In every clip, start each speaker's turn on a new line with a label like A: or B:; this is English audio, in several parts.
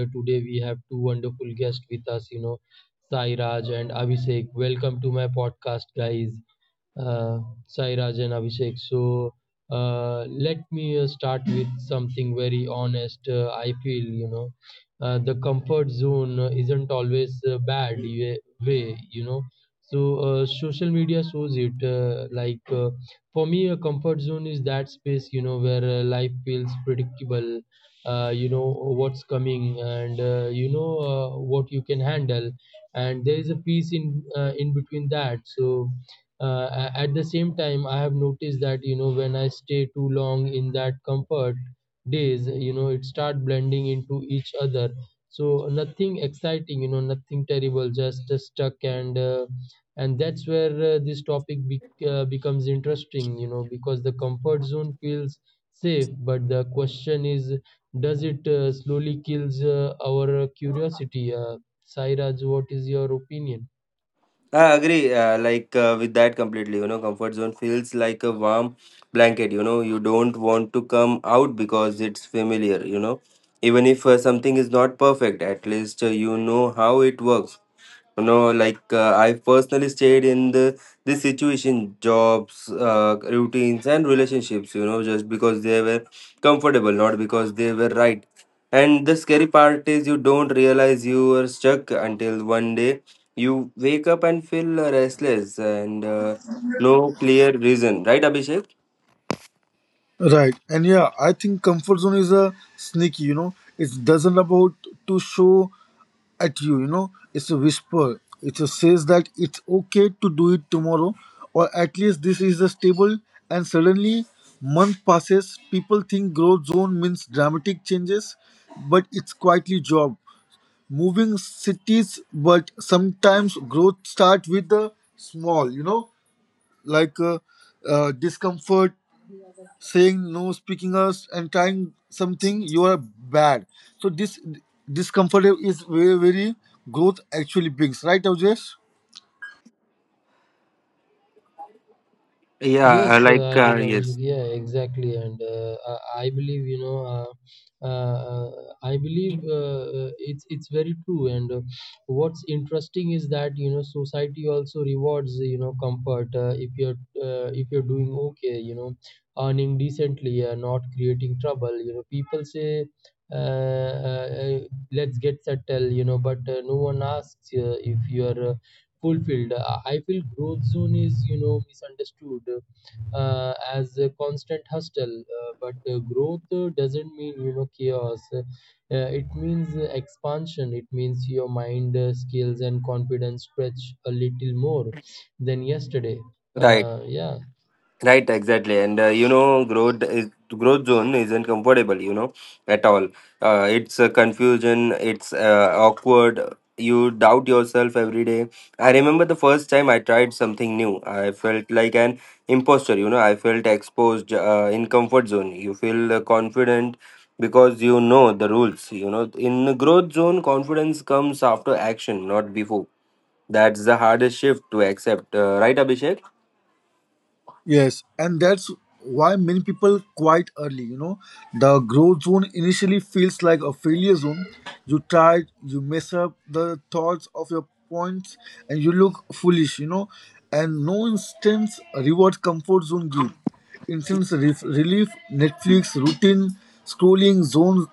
A: today we have two wonderful guests with us. Sai Raj and Abhishek. Welcome to my podcast, guys. Uh, Sai Raj and Abhishek. So let me start with something very honest. I feel the comfort zone isn't always bad way. So social media shows it. Like, for me, a comfort zone is that space where life feels predictable. You know what's coming, and what you can handle, and there is a piece in between that. At the same time, I have noticed that when I stay too long in that comfort days, it start blending into each other. So nothing exciting, nothing terrible, just stuck, and that's where this topic becomes interesting, because the comfort zone feels safe, but the question is, does it slowly kills our curiosity? Sairaj, what is your opinion?
B: I agree. Like, with that completely, comfort zone feels like a warm blanket. You don't want to come out because it's familiar. Even if something is not perfect, at least you know how it works. No, like I've personally stayed in the this situation, jobs, routines, and relationships. Just because they were comfortable, not because they were right. And the scary part is you don't realize you are stuck until one day you wake up and feel restless and no clear reason. Right, Abhishek?
C: Right. And yeah, I think comfort zone is a sneaky, you know. It doesn't about to show at you, you know. It's a whisper. It just says that it's okay to do it tomorrow or at least this is a stable and suddenly month passes, people think growth zone means dramatic changes, but it's quietly job. Moving cities, but sometimes growth start with the small, you know, like discomfort saying no, speaking us, and trying something, you are bad. So this discomfort is very, very growth actually brings, right, Avjesh?
B: Yeah,
A: Yes,
B: like
A: I mean,
B: yes.
A: exactly, and I, I believe you know, uh, uh, uh, I believe it's very true. And what's interesting is that society also rewards comfort, if you're doing okay, earning decently, not creating trouble. People say, uh, uh, uh, let's get settled, but no one asks if you're fulfilled. I feel growth zone is misunderstood as a constant hustle. But growth doesn't mean chaos. It means expansion. It means your mind, skills, and confidence stretch a little more than yesterday.
B: Right.
A: Yeah,
B: Right, exactly, and growth zone isn't comfortable, at all. It's a confusion. It's awkward. You doubt yourself every day. I remember the first time I tried something new. I felt like an imposter. I felt exposed in comfort zone. You feel confident because you know the rules. In the growth zone, confidence comes after action, not before. That's the hardest shift to accept. Right, Abhishek?
C: Yes, and that's why many people quite early. You know, the growth zone initially feels like a failure zone. You try, you mess up the thoughts of your points, and you look foolish. You know, and no instance reward comfort zone give. Instance relief, Netflix routine scrolling zone,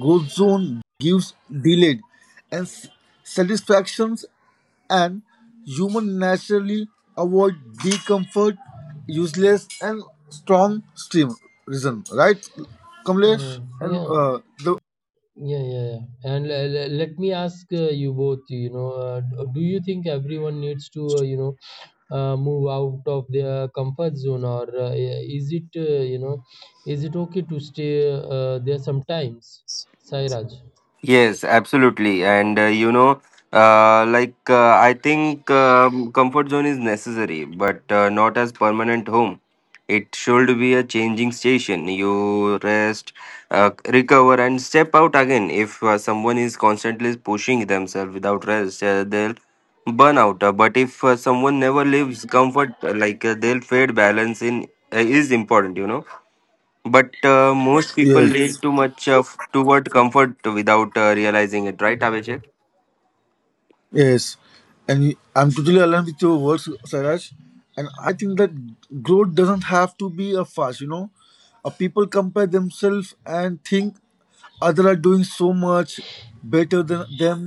C: growth zone gives delayed and satisfactions and humans naturally avoid the comfort, useless and strong stream reason, right, Kamlesh? And
A: yeah.
C: the
A: Yeah, yeah, yeah. And let me ask you both, do you think everyone needs to, move out of their comfort zone, or is it okay to stay there sometimes? Sairaj,
B: Yes, absolutely. And like I think comfort zone is necessary, but not as permanent home. It should be a changing station. You rest, recover, and step out again. If someone is constantly pushing themselves without rest, they'll burn out. But if someone never leaves comfort, like they'll fade. Balance in is important. But most people lean
C: yes.
B: too much of toward comfort without realizing it, right, Abhishek?
C: Yes, and I'm totally aligned with your words, Sairaj. And I think that growth doesn't have to be a fast. You know, people compare themselves and think others are doing so much better than them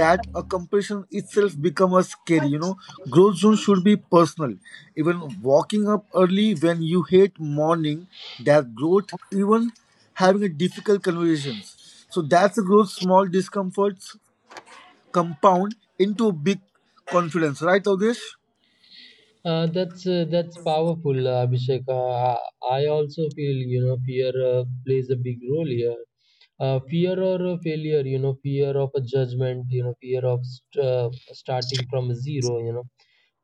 C: that a comparison itself becomes scary. You know, growth zone should be personal. Even walking up early when you hate morning, that growth. Even having a difficult conversations. So that's a growth. Small discomforts compound into big confidence, right, Avdesh?
A: that's powerful. Abhishek, I also feel fear plays a big role here. Fear or a failure, fear of a judgment, fear of starting from zero.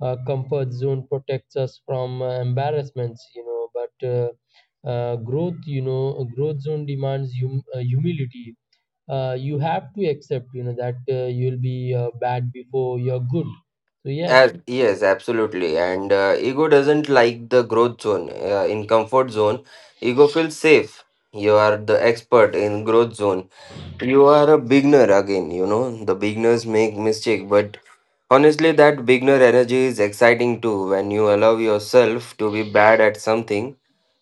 A: Comfort zone protects us from embarrassments, but growth — a growth zone demands humility. You have to accept that you'll be bad before you're good. So yeah,
B: As, yes, absolutely. And ego doesn't like the growth zone. In comfort zone, ego feels safe. You are the expert in growth zone. You are a beginner again. The beginners make mistake, but honestly, that beginner energy is exciting too. When you allow yourself to be bad at something,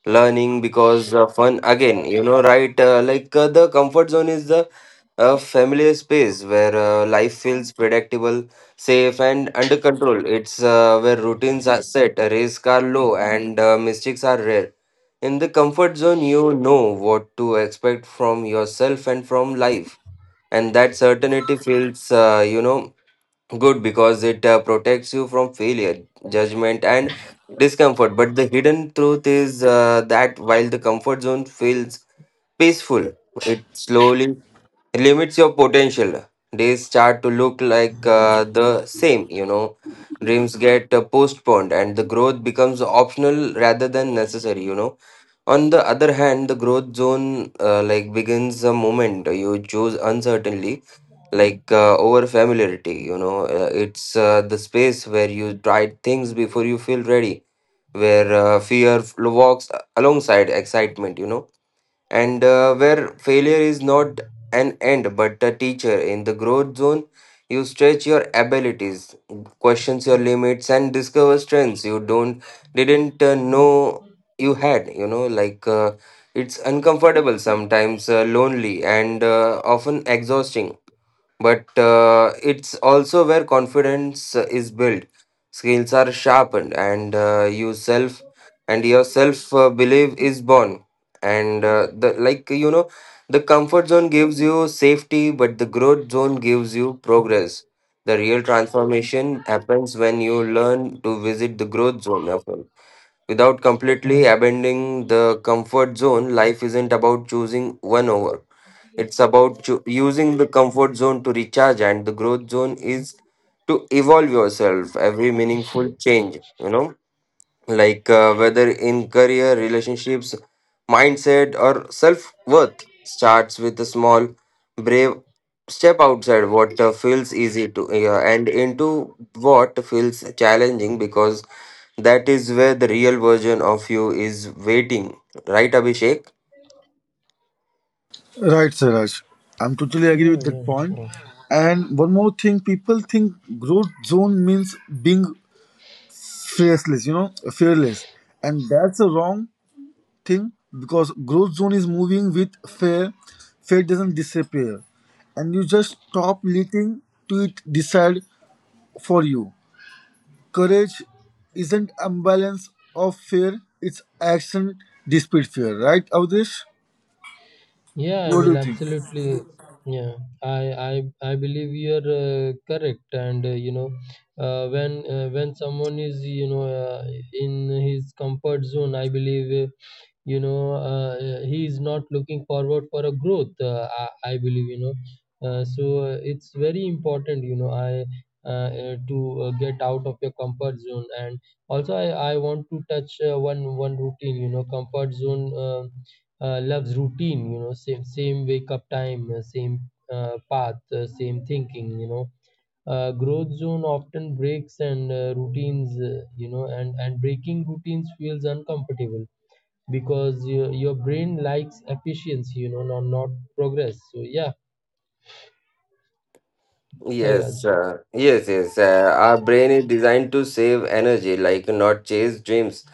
B: learning because fun again, right? Like, the comfort zone is the A familiar space where life feels predictable, safe, and under control. It's where routines are set, race are low, and mistakes are rare. In the comfort zone, you know what to expect from yourself and from life. And that certainty feels, good because it protects you from failure, judgment, and discomfort. But the hidden truth is that while the comfort zone feels peaceful, it slowly limits your potential. Days start to look like the same. Dreams get postponed and the growth becomes optional rather than necessary. On the other hand, the growth zone like begins the moment you choose uncertainty, like over familiarity. It's the space where you try things before you feel ready, where fear walks alongside excitement, and where failure is not an end but a teacher. In the growth zone, you stretch your abilities, questions your limits, and discover strengths you don't didn't know you had. Like, it's uncomfortable sometimes lonely and often exhausting but it's also where confidence is built, skills are sharpened and your self belief is born. And the like, the comfort zone gives you safety, but the growth zone gives you progress. The real transformation happens when you learn to visit the growth zone of without completely abandoning the comfort zone. Life isn't about choosing one over. It's about using the comfort zone to recharge, and the growth zone is to evolve yourself. Every meaningful change, you know, like whether in career, relationships, mindset, or self worth, starts with a small, brave step outside what feels easy to and into what feels challenging because that is where the real version of you is waiting, right, Abhishek?
C: Right, Siraj. I'm totally agree
A: yeah,
C: with that
A: yeah.
C: point. And one more thing, people think growth zone means being fearless, you know, fearless, and that's a wrong thing because growth zone is moving with fear. Fear doesn't disappear, and you just stop letting to it decide for you. Courage isn't imbalance of fear; it's action despite fear, right, Avdesh?
A: Yeah, I
C: What do
A: mean,
C: you think?
A: absolutely. Yeah, I I believe you're correct. And when someone is in his comfort zone, I believe you know uh, he is not looking forward for a growth. I believe. So it's very important, I uh, to get out of your comfort zone. And also I want to touch one routine. Comfort zone loves routine. Same wake up time, same path, same thinking. Growth zone often breaks and routines, and breaking routines feels uncomfortable because your brain likes efficiency, not progress. So yeah.
B: Yes,
A: Sairaj,
B: yes, yes. Our brain is designed to save energy, like not chase dreams.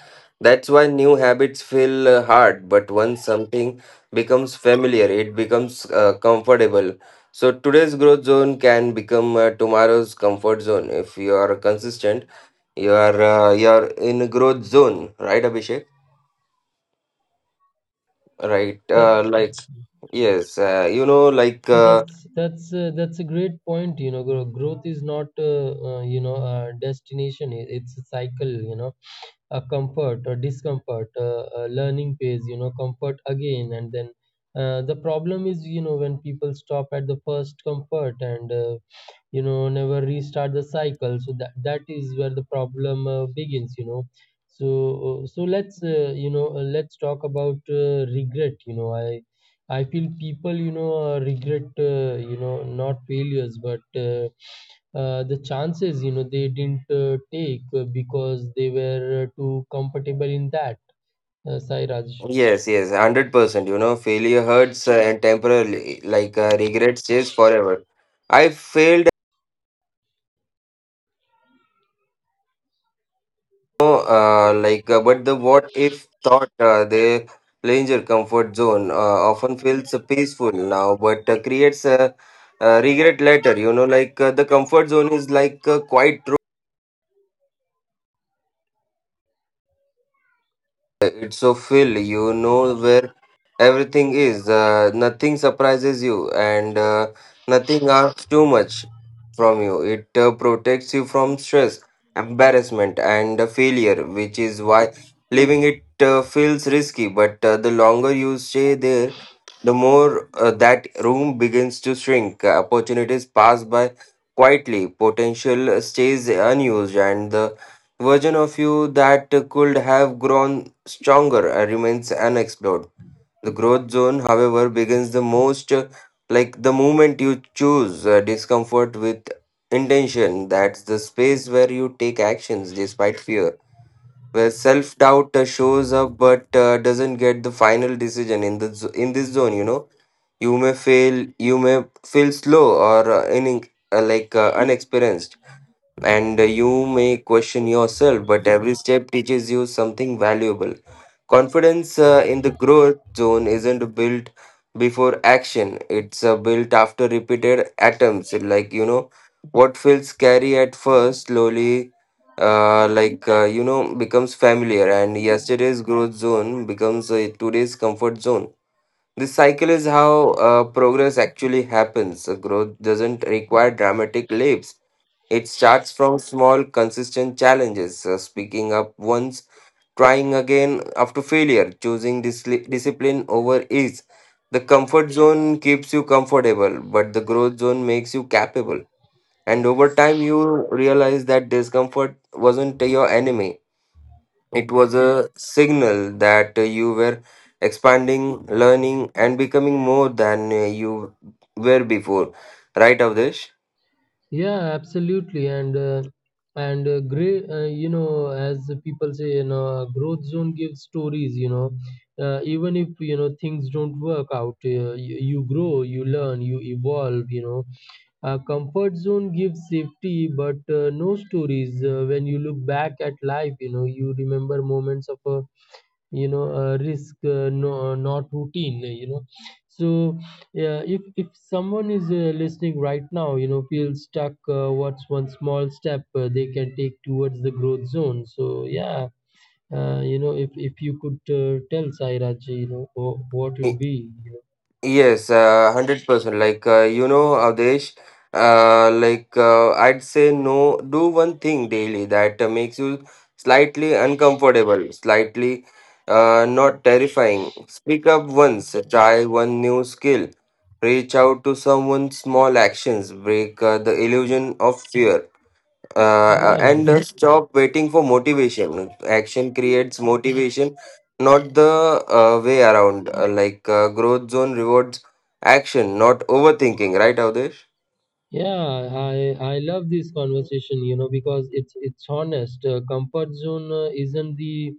B: That's why new habits feel hard, but once something becomes familiar, it becomes comfortable. So today's growth zone can become tomorrow's comfort zone if you are consistent. You are in a growth zone, right, Abhishek? Right,
A: that's
B: like yes, like.
A: so
B: Uh,
A: that's a great point. Growth is not a destination. It's a cycle, a comfort or discomfort, a learning phase, comfort again. And then, the problem is, when people stop at the first comfort and, never restart the cycle. So that is where the problem begins. So let's talk about regret. I feel people, regret, not failures, but the chances they didn't take, because they were too comfortable in that, Sairaj.
B: Yes, yes, 100%. Failure hurts and temporarily, like regrets stays forever. I failed
D: But the what if thought, they leave your comfort zone often feels peaceful now but creates a, regret later. The comfort zone is like a quiet room. It's so Phil, you know, where everything is. Nothing surprises you, and nothing asks too much from you. It protects you from stress, embarrassment, and failure, which is why leaving it feels risky. But the longer you stay there, the more that room begins to shrink. Opportunities pass by quietly, potential stays unused, and the version of you that could have grown stronger remains unexplored. The growth zone, however, begins the most the moment you choose discomfort with intention. That's the space where you take actions despite fear, where self doubt shows up but doesn't get the final decision in the zo- in this zone. You know, you may fail, you may feel slow or in, like unexperienced, and you may question yourself, but every step teaches you something valuable. Confidence in the growth zone isn't built before action, it's built after repeated attempts. Like, you know, what feels scary at first slowly, becomes familiar, and yesterday's growth zone becomes today's comfort zone. This cycle is how progress actually happens. Growth doesn't require dramatic leaps. It starts from small, consistent challenges, speaking up once, trying again after failure, choosing discipline over ease. The comfort zone keeps you comfortable, but the growth zone makes you capable. And over time, you realize that discomfort wasn't your enemy, it was a signal that you were expanding, learning, and becoming more than you were before. Right, Avdesh?
A: Yeah, absolutely. And uh, and uh, gray uh, as people say, growth zone gives stories. Even if things don't work out, you grow, you learn, you evolve. A comfort zone gives safety, but no stories. When you look back at life, you remember moments of risk, no, not routine. So yeah. If someone is listening right now, feels stuck, what's one small step they can take towards the growth zone? So yeah. If you could tell, Sairaj, what would be.
D: Yes, 100%. Like, Avdesh, I'd say no, do one thing daily that makes you slightly uncomfortable, slightly not terrifying. Speak up once, try one new skill, reach out to someone, small actions, break the illusion of fear uh,
A: Yeah,
D: and uh, stop waiting for motivation. Action creates motivation, not the way around. Growth zone rewards action, not overthinking. Right, Avdesh?
A: yeah. I love this conversation, because it's honest. Comfort zone isn't the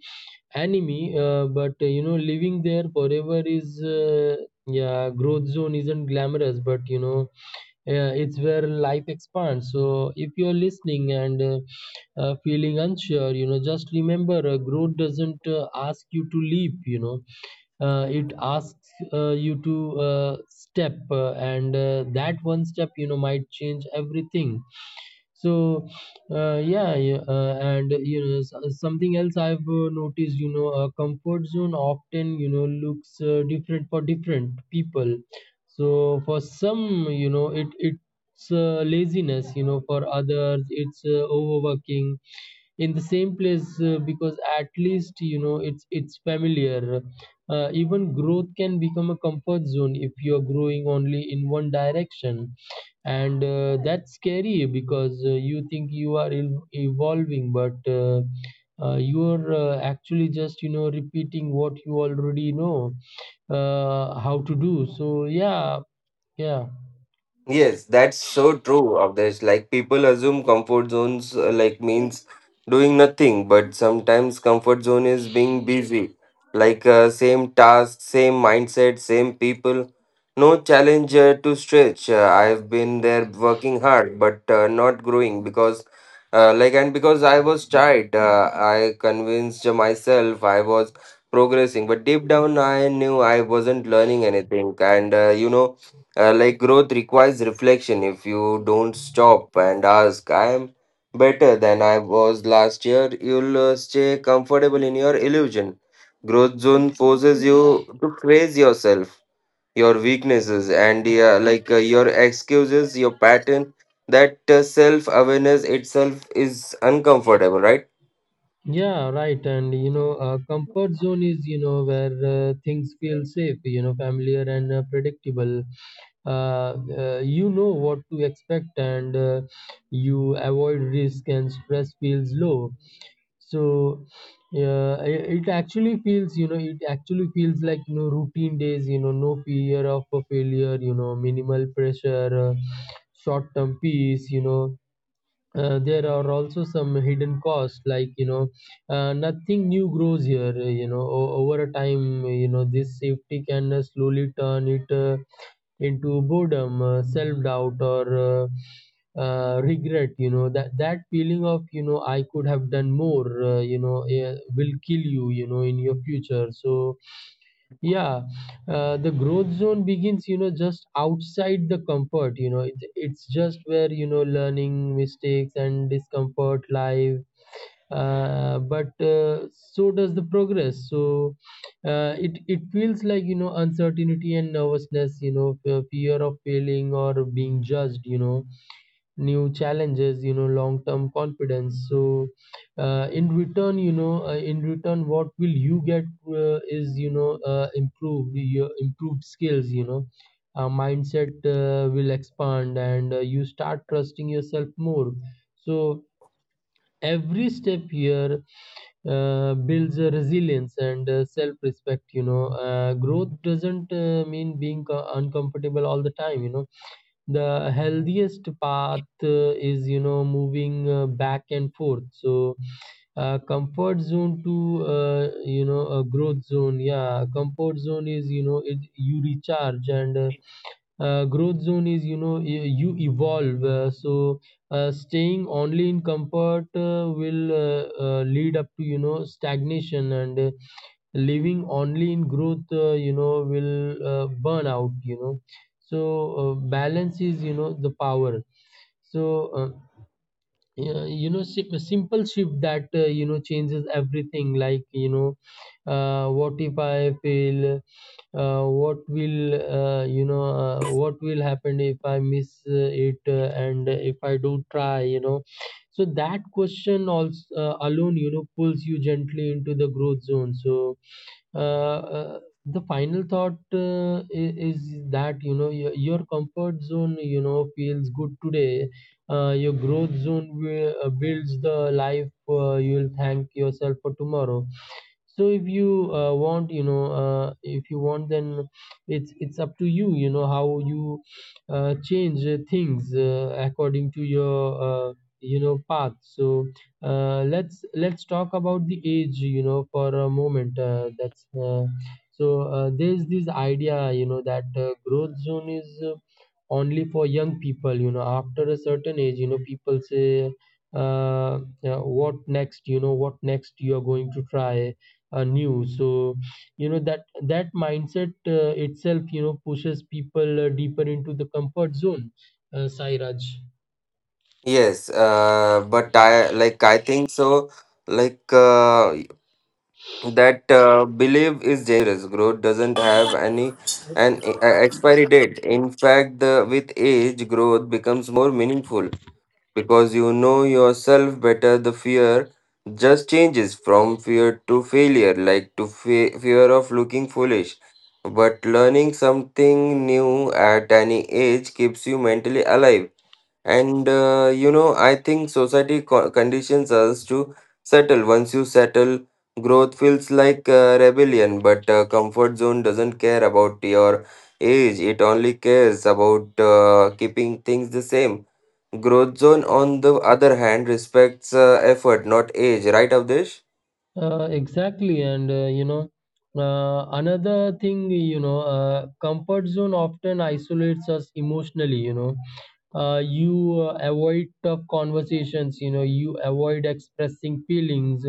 A: Anime, but living there forever is, yeah. Growth zone isn't glamorous, but it's where life expands. So if you're listening and feeling unsure, just remember growth doesn't ask you to leap, it asks you to step, and that one step, might change everything. So yeah, yeah. And something else I've noticed, a comfort zone often looks different for different people. So for some, it's laziness. For others, it's overworking in the same place, because at least, it's familiar. Even growth can become a comfort zone if you're growing only in one direction, and that's scary, because you think you are evolving, but you're actually just repeating what you already know how to do. So yeah, yeah.
D: Yes, that's so true, Of Avdesh. Like, people assume comfort zones means doing nothing, but sometimes comfort zone is being busy. Same task, same mindset, same people, no challenge to stretch. I've been there working hard, but not growing because, like, and because I was tired, I convinced myself I was progressing, but deep down I knew I wasn't learning anything, and growth requires reflection. If you don't stop and ask, I am better than I was last year, you'll stay comfortable in your illusion. Growth zone forces you to praise yourself, your weaknesses, and your excuses, your pattern. That self awareness itself is uncomfortable, right?
A: Yeah, right. And comfort zone is where things feel safe, familiar, and predictable. You know what to expect, and you avoid risk, and stress feels low. So it actually feels like routine days. No fear of a failure. Minimal pressure, short-term peace. There are also some hidden costs, like nothing new grows here. Over a time, this safety can slowly turn it into boredom, self-doubt, or regret. That feeling of, I could have done more, will kill you, you know in your future. So yeah. The growth zone begins, just outside the comfort, it's just where, learning, mistakes, and discomfort live. But so does the progress. So it feels like, uncertainty and nervousness, fear of failing or being judged, new challenges, long-term confidence. So in return, what will you get is, improved skills. Mindset will expand, and you start trusting yourself more. So every step here builds a resilience and self-respect. Growth doesn't mean being uncomfortable all the time. The healthiest path is moving back and forth. So comfort zone to, a growth zone. Yeah. Comfort zone is you know it you recharge, and growth zone is, you evolve. So staying only in comfort will lead up to, stagnation, and living only in growth, will burn out. So balance is, the power. So, yeah. A simple shift that, changes everything. Like, what if I fail? What will happen if I miss it, and if I don't try, you know? So that question also, alone, pulls you gently into the growth zone. So, uh, uh, the final thought is that, your comfort zone feels good today, your growth zone builds the life you'll thank yourself for tomorrow. So if you want you know if you want, then it's up to you, you know how you change things according to your path. So let's talk about the age, for a moment. That's so there's this idea, that growth zone is only for young people. After a certain age, people say, yeah, what next, what next you are going to try new? So that mindset itself, pushes people deeper into the comfort zone. Sai Raj,
D: Yes, but I think so. Like that belief is dangerous. Growth doesn't have any an expiry date. In fact, the, with age, growth becomes more meaningful because you know yourself better. The fear just changes from fear to failure, like to fear of looking foolish. But learning something new at any age keeps you mentally alive, and I think society conditions us to settle. Once you settle, growth feels like rebellion, but comfort zone doesn't care about your age. It only cares about keeping things the same. Growth zone, on the other hand, respects effort, not age. Right, Avdesh?
A: exactly. And another thing, comfort zone often isolates us emotionally. You avoid tough conversations, you avoid expressing feelings,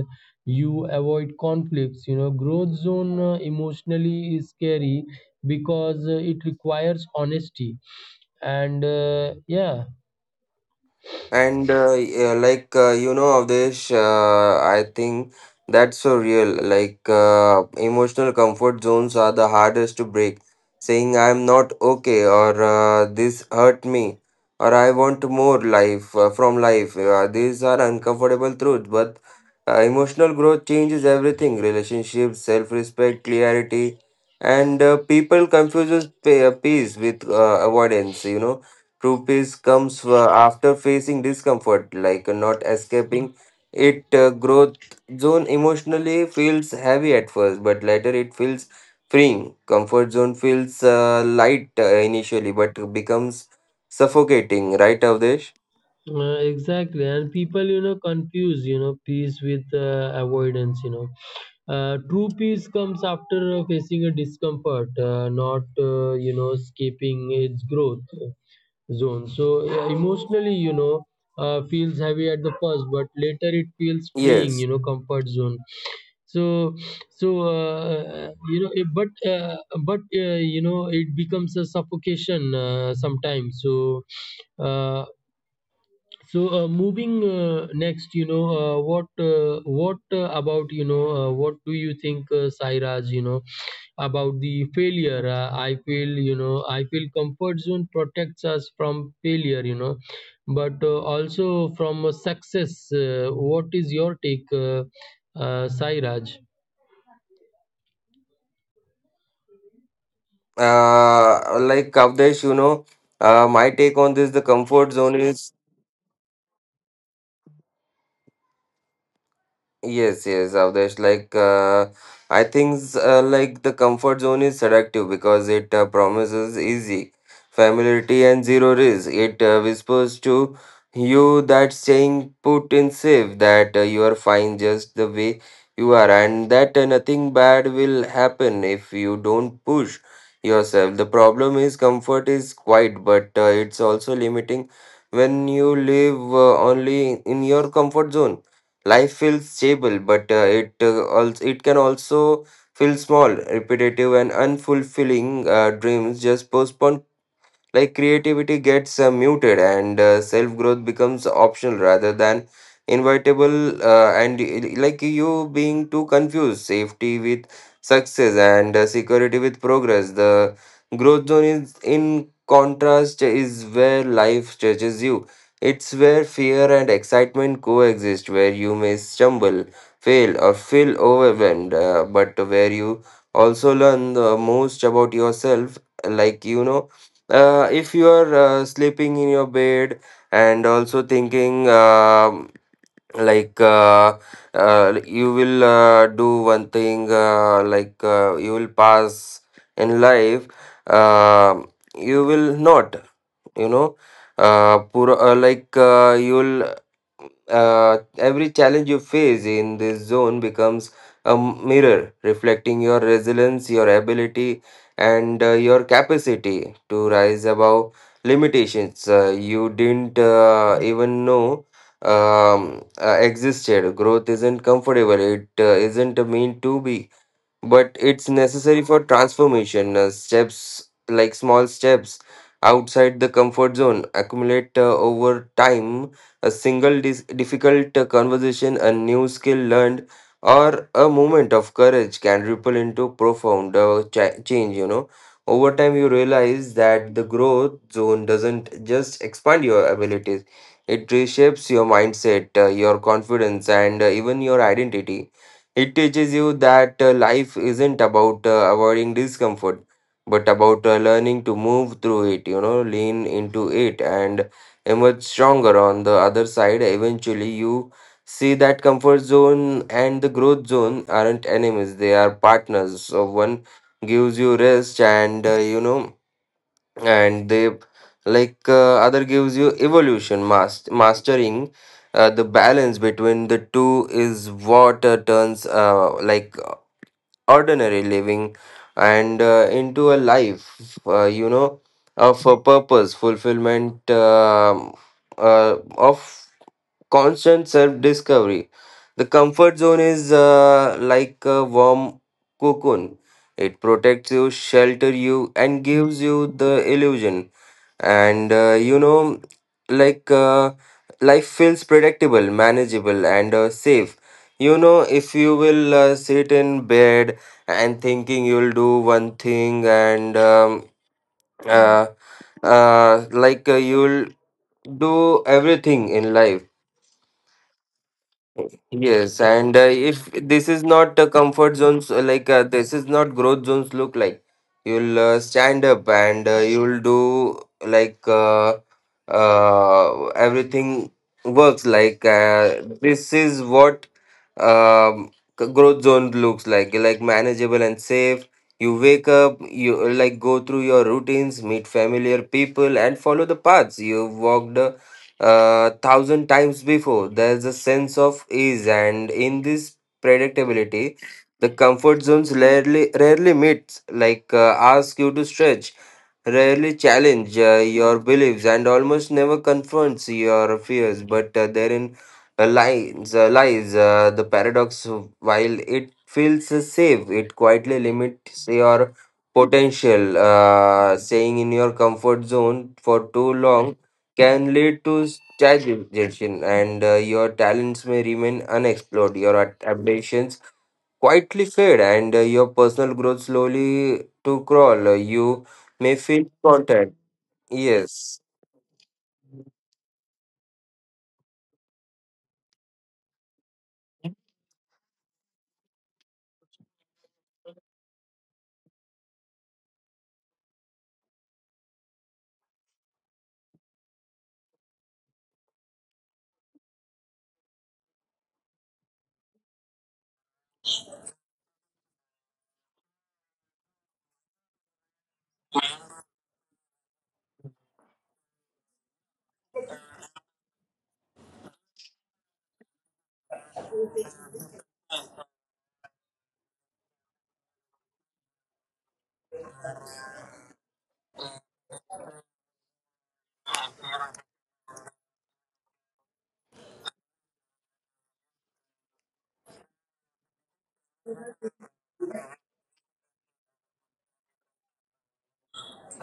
A: you avoid conflicts. Growth zone emotionally is scary, because it requires honesty, and yeah.
D: And Yeah, Avdesh, I think that's so real. Emotional comfort zones are the hardest to break. Saying I'm not okay, or this hurt me, or I want more life from life. These are uncomfortable truths, but emotional growth changes everything: relationships, self-respect, clarity, and people confuses peace with avoidance. You know, true peace comes after facing discomfort, like, not escaping it. Growth zone emotionally feels heavy at first, but later it feels freeing. Comfort zone feels light initially, but becomes suffocating, right, Avdesh?
A: Exactly. And people, confuse peace with avoidance. True peace comes after facing a discomfort, not, escaping its growth. Zone. So yeah, emotionally, feels heavy at the first, but later it feels freeing,
D: Yes.
A: comfort zone. So, so it, but it becomes a suffocation sometimes. Uh, so moving next, what about what do you think, Sairaj? About the failure. I feel I feel comfort zone protects us from failure. But also from success. What is your take, Sairaj?
D: Avdesh, you know, my take on this the comfort zone is Yes, yes, Avdesh. Like, I think the comfort zone is seductive because it promises easy familiarity and zero risk. It whispers to you that staying put in safe, that you are fine just the way you are, and that nothing bad will happen if you don't push yourself. The problem is comfort is quiet, but it's also limiting. When you live only in your comfort zone, life feels stable, but it also, it can also feel small, repetitive, and unfulfilling. Dreams just postpone, like creativity gets muted, and self growth becomes optional rather than inevitable, and you being too confused safety with success, and security with progress. The growth zone, is in contrast, is where life stretches you. It's where fear and excitement coexist, where you may stumble, fail, or feel overwhelmed, but where you also learn the most about yourself. Like, you know, if you are sleeping in your bed and also thinking, like uh, you will do one thing, you will pass in life, um you will not, you know pur- like you will every challenge you face in this zone becomes a mirror reflecting your resilience, your ability, and your capacity to rise above limitations you didn't even know existed. Growth isn't comfortable, it isn't meant to be, but it's necessary for transformation. Steps like Small steps outside the comfort zone accumulate over time. A single difficult conversation, a new skill learned, or a moment of courage can ripple into profound change. You know, over time you realize that the growth zone doesn't just expand your abilities; it reshapes your mindset, your confidence, and even your identity. It teaches you that life isn't about avoiding discomfort, but about learning to move through it, you know, lean into it and emerge stronger on the other side. Eventually, you see that comfort zone and the growth zone aren't enemies, they are partners. So, one gives you rest, and, you know, and they like other gives you evolution. Mastering the balance between the two is what turns ordinary living and into a life of a purpose, fulfillment, of constant self discovery. The comfort zone is like a warm cocoon. It protects you, shelter you, and gives you the illusion. And like uh, life feels predictable, manageable, and safe. You know, if you will sit in bed and thinking you'll do one thing, and uh, you'll do everything in life. Yes, and if this is not a comfort zones, this is not growth zones look like, you'll stand up and you'll do, like uh, everything works, this is what um, growth zone looks like manageable and safe. You wake up, you go through your routines, meet familiar people, and follow the paths you've walked thousand times before. There's a sense of ease, and in this predictability, the comfort zones rarely meets. Ask you to stretch, rarely challenge your beliefs, and almost never confronts your fears. But therein lies the paradox. While it feels safe, it quietly limits your potential. Staying in your comfort zone for too long can lead to stagnation, and your talents may remain unexplored, your ambitions quietly fade, and your personal growth slowly to crawl. You may feel content. Yes.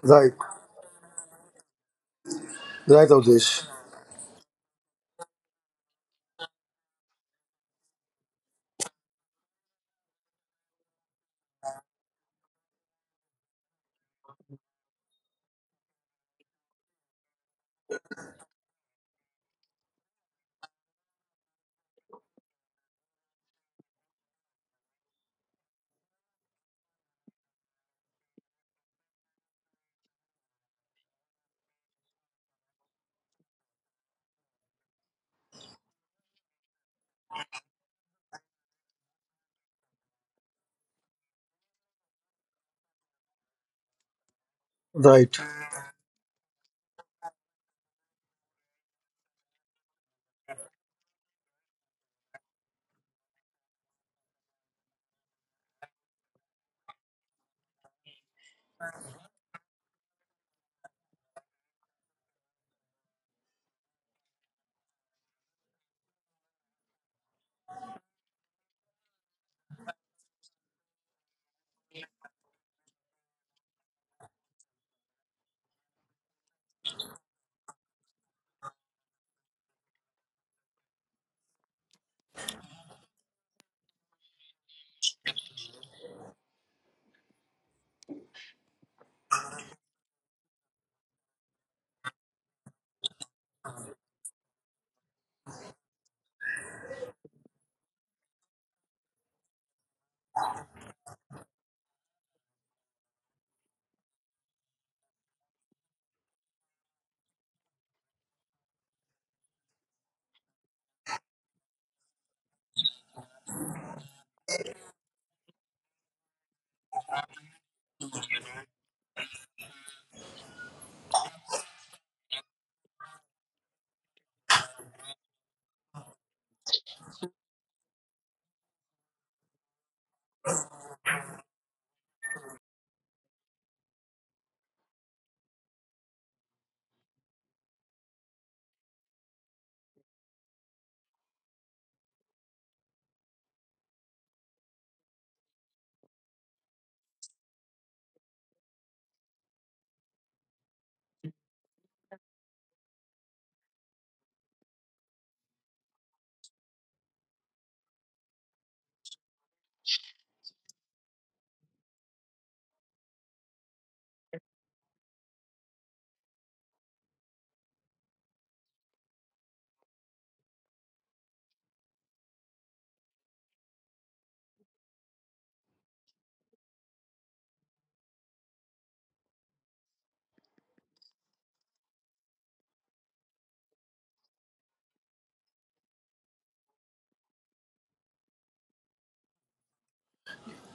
C: Right, right, Avdesh. Right.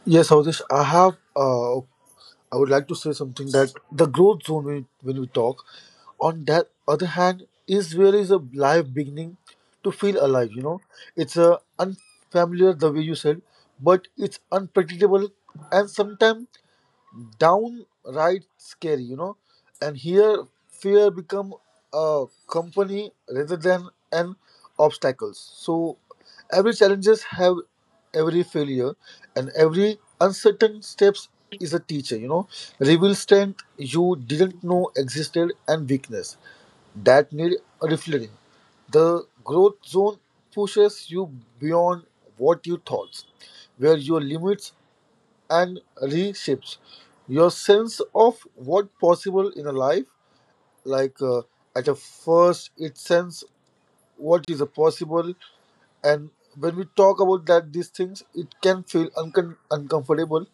C: Yes, Avdesh, I have, I would like to say something that the growth zone, when we talk, on that other hand, is where is a life beginning to feel alive, you know. It's unfamiliar, the way you said, but it's unpredictable and sometimes downright scary, you know. And here, fear become a company rather than an obstacles. So every challenges have every failure, and every uncertain steps is a teacher. You know, reveal strength you didn't know existed and weakness that need reflecting. The growth zone pushes you beyond what you thought, where your limits and reshapes your sense of what possible in a life like at a first it sense what is a possible and when we talk about that these things it can feel uncomfortable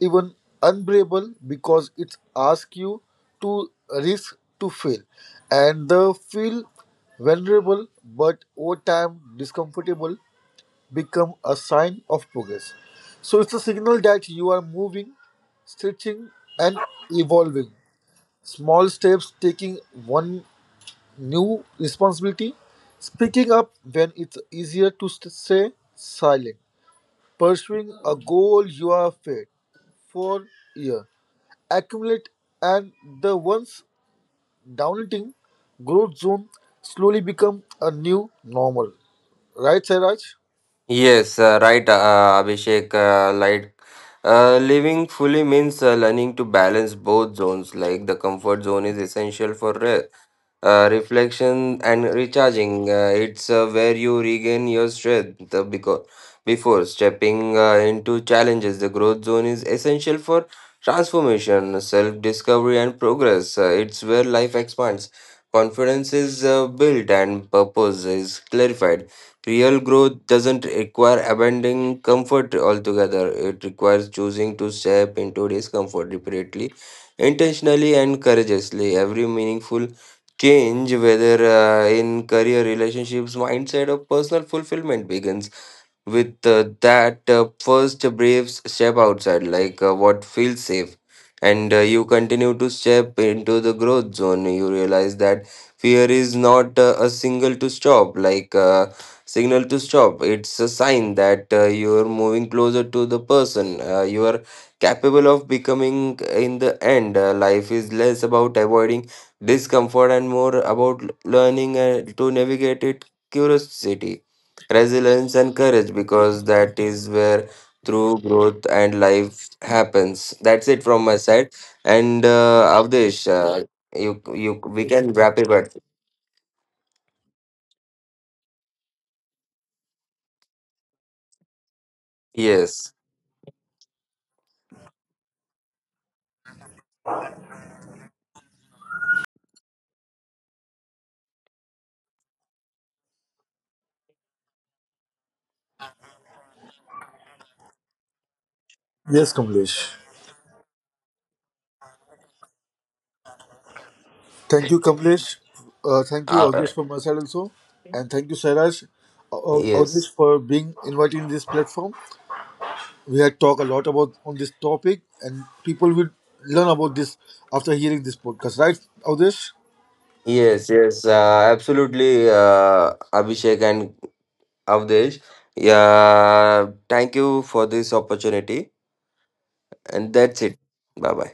C: even unbearable because it asks you to risk to fail and the feel vulnerable but over time discomfortable become a sign of progress. So it's a signal that you are moving, stretching, and evolving. Small steps, taking one new responsibility, speaking up when it's easier to stay silent, pursuing a goal you are fed for year, accumulate, and the once downting growth zone slowly become a new normal. Right, Sairaj?
D: Yes, right, Abhishek. Living fully means learning to balance both zones. Like, the comfort zone is essential for rest. Reflection and recharging. It's where you regain your strength because before stepping into challenges. The growth zone is essential for transformation, self discovery, and progress. It's where life expands, confidence is built, and purpose is clarified. Real growth doesn't require abandoning comfort altogether, it requires choosing to step into discomfort repeatedly, intentionally, and courageously. Every meaningful change, whether in career, relationships, mindset, or personal fulfillment begins with that first brave step outside, what feels safe. And you continue to step into the growth zone. You realize that fear is not a single to stop, like signal to stop. It's a sign that you're moving closer to the person you are capable of becoming. In the end, life is less about avoiding discomfort and more about learning to navigate it, curiosity, resilience, and courage, because that is where true growth and life happens. That's it from my side, and Avdesh, you you we can wrap it up. Yes.
C: Yes, Kamlesh. Thank you, Kamlesh. Thank you,
D: Uh,
C: Agnish, for my side also. And thank you, Sairaj, uh, Agnish,
D: yes,
C: for being invited in this platform. We had talked a lot about on this topic, and people will learn about this after hearing this podcast, right, Agnish?
D: yes, yes, absolutely, Abhishek and Avdesh. Yeah, thank you for this opportunity, and that's it. Bye bye.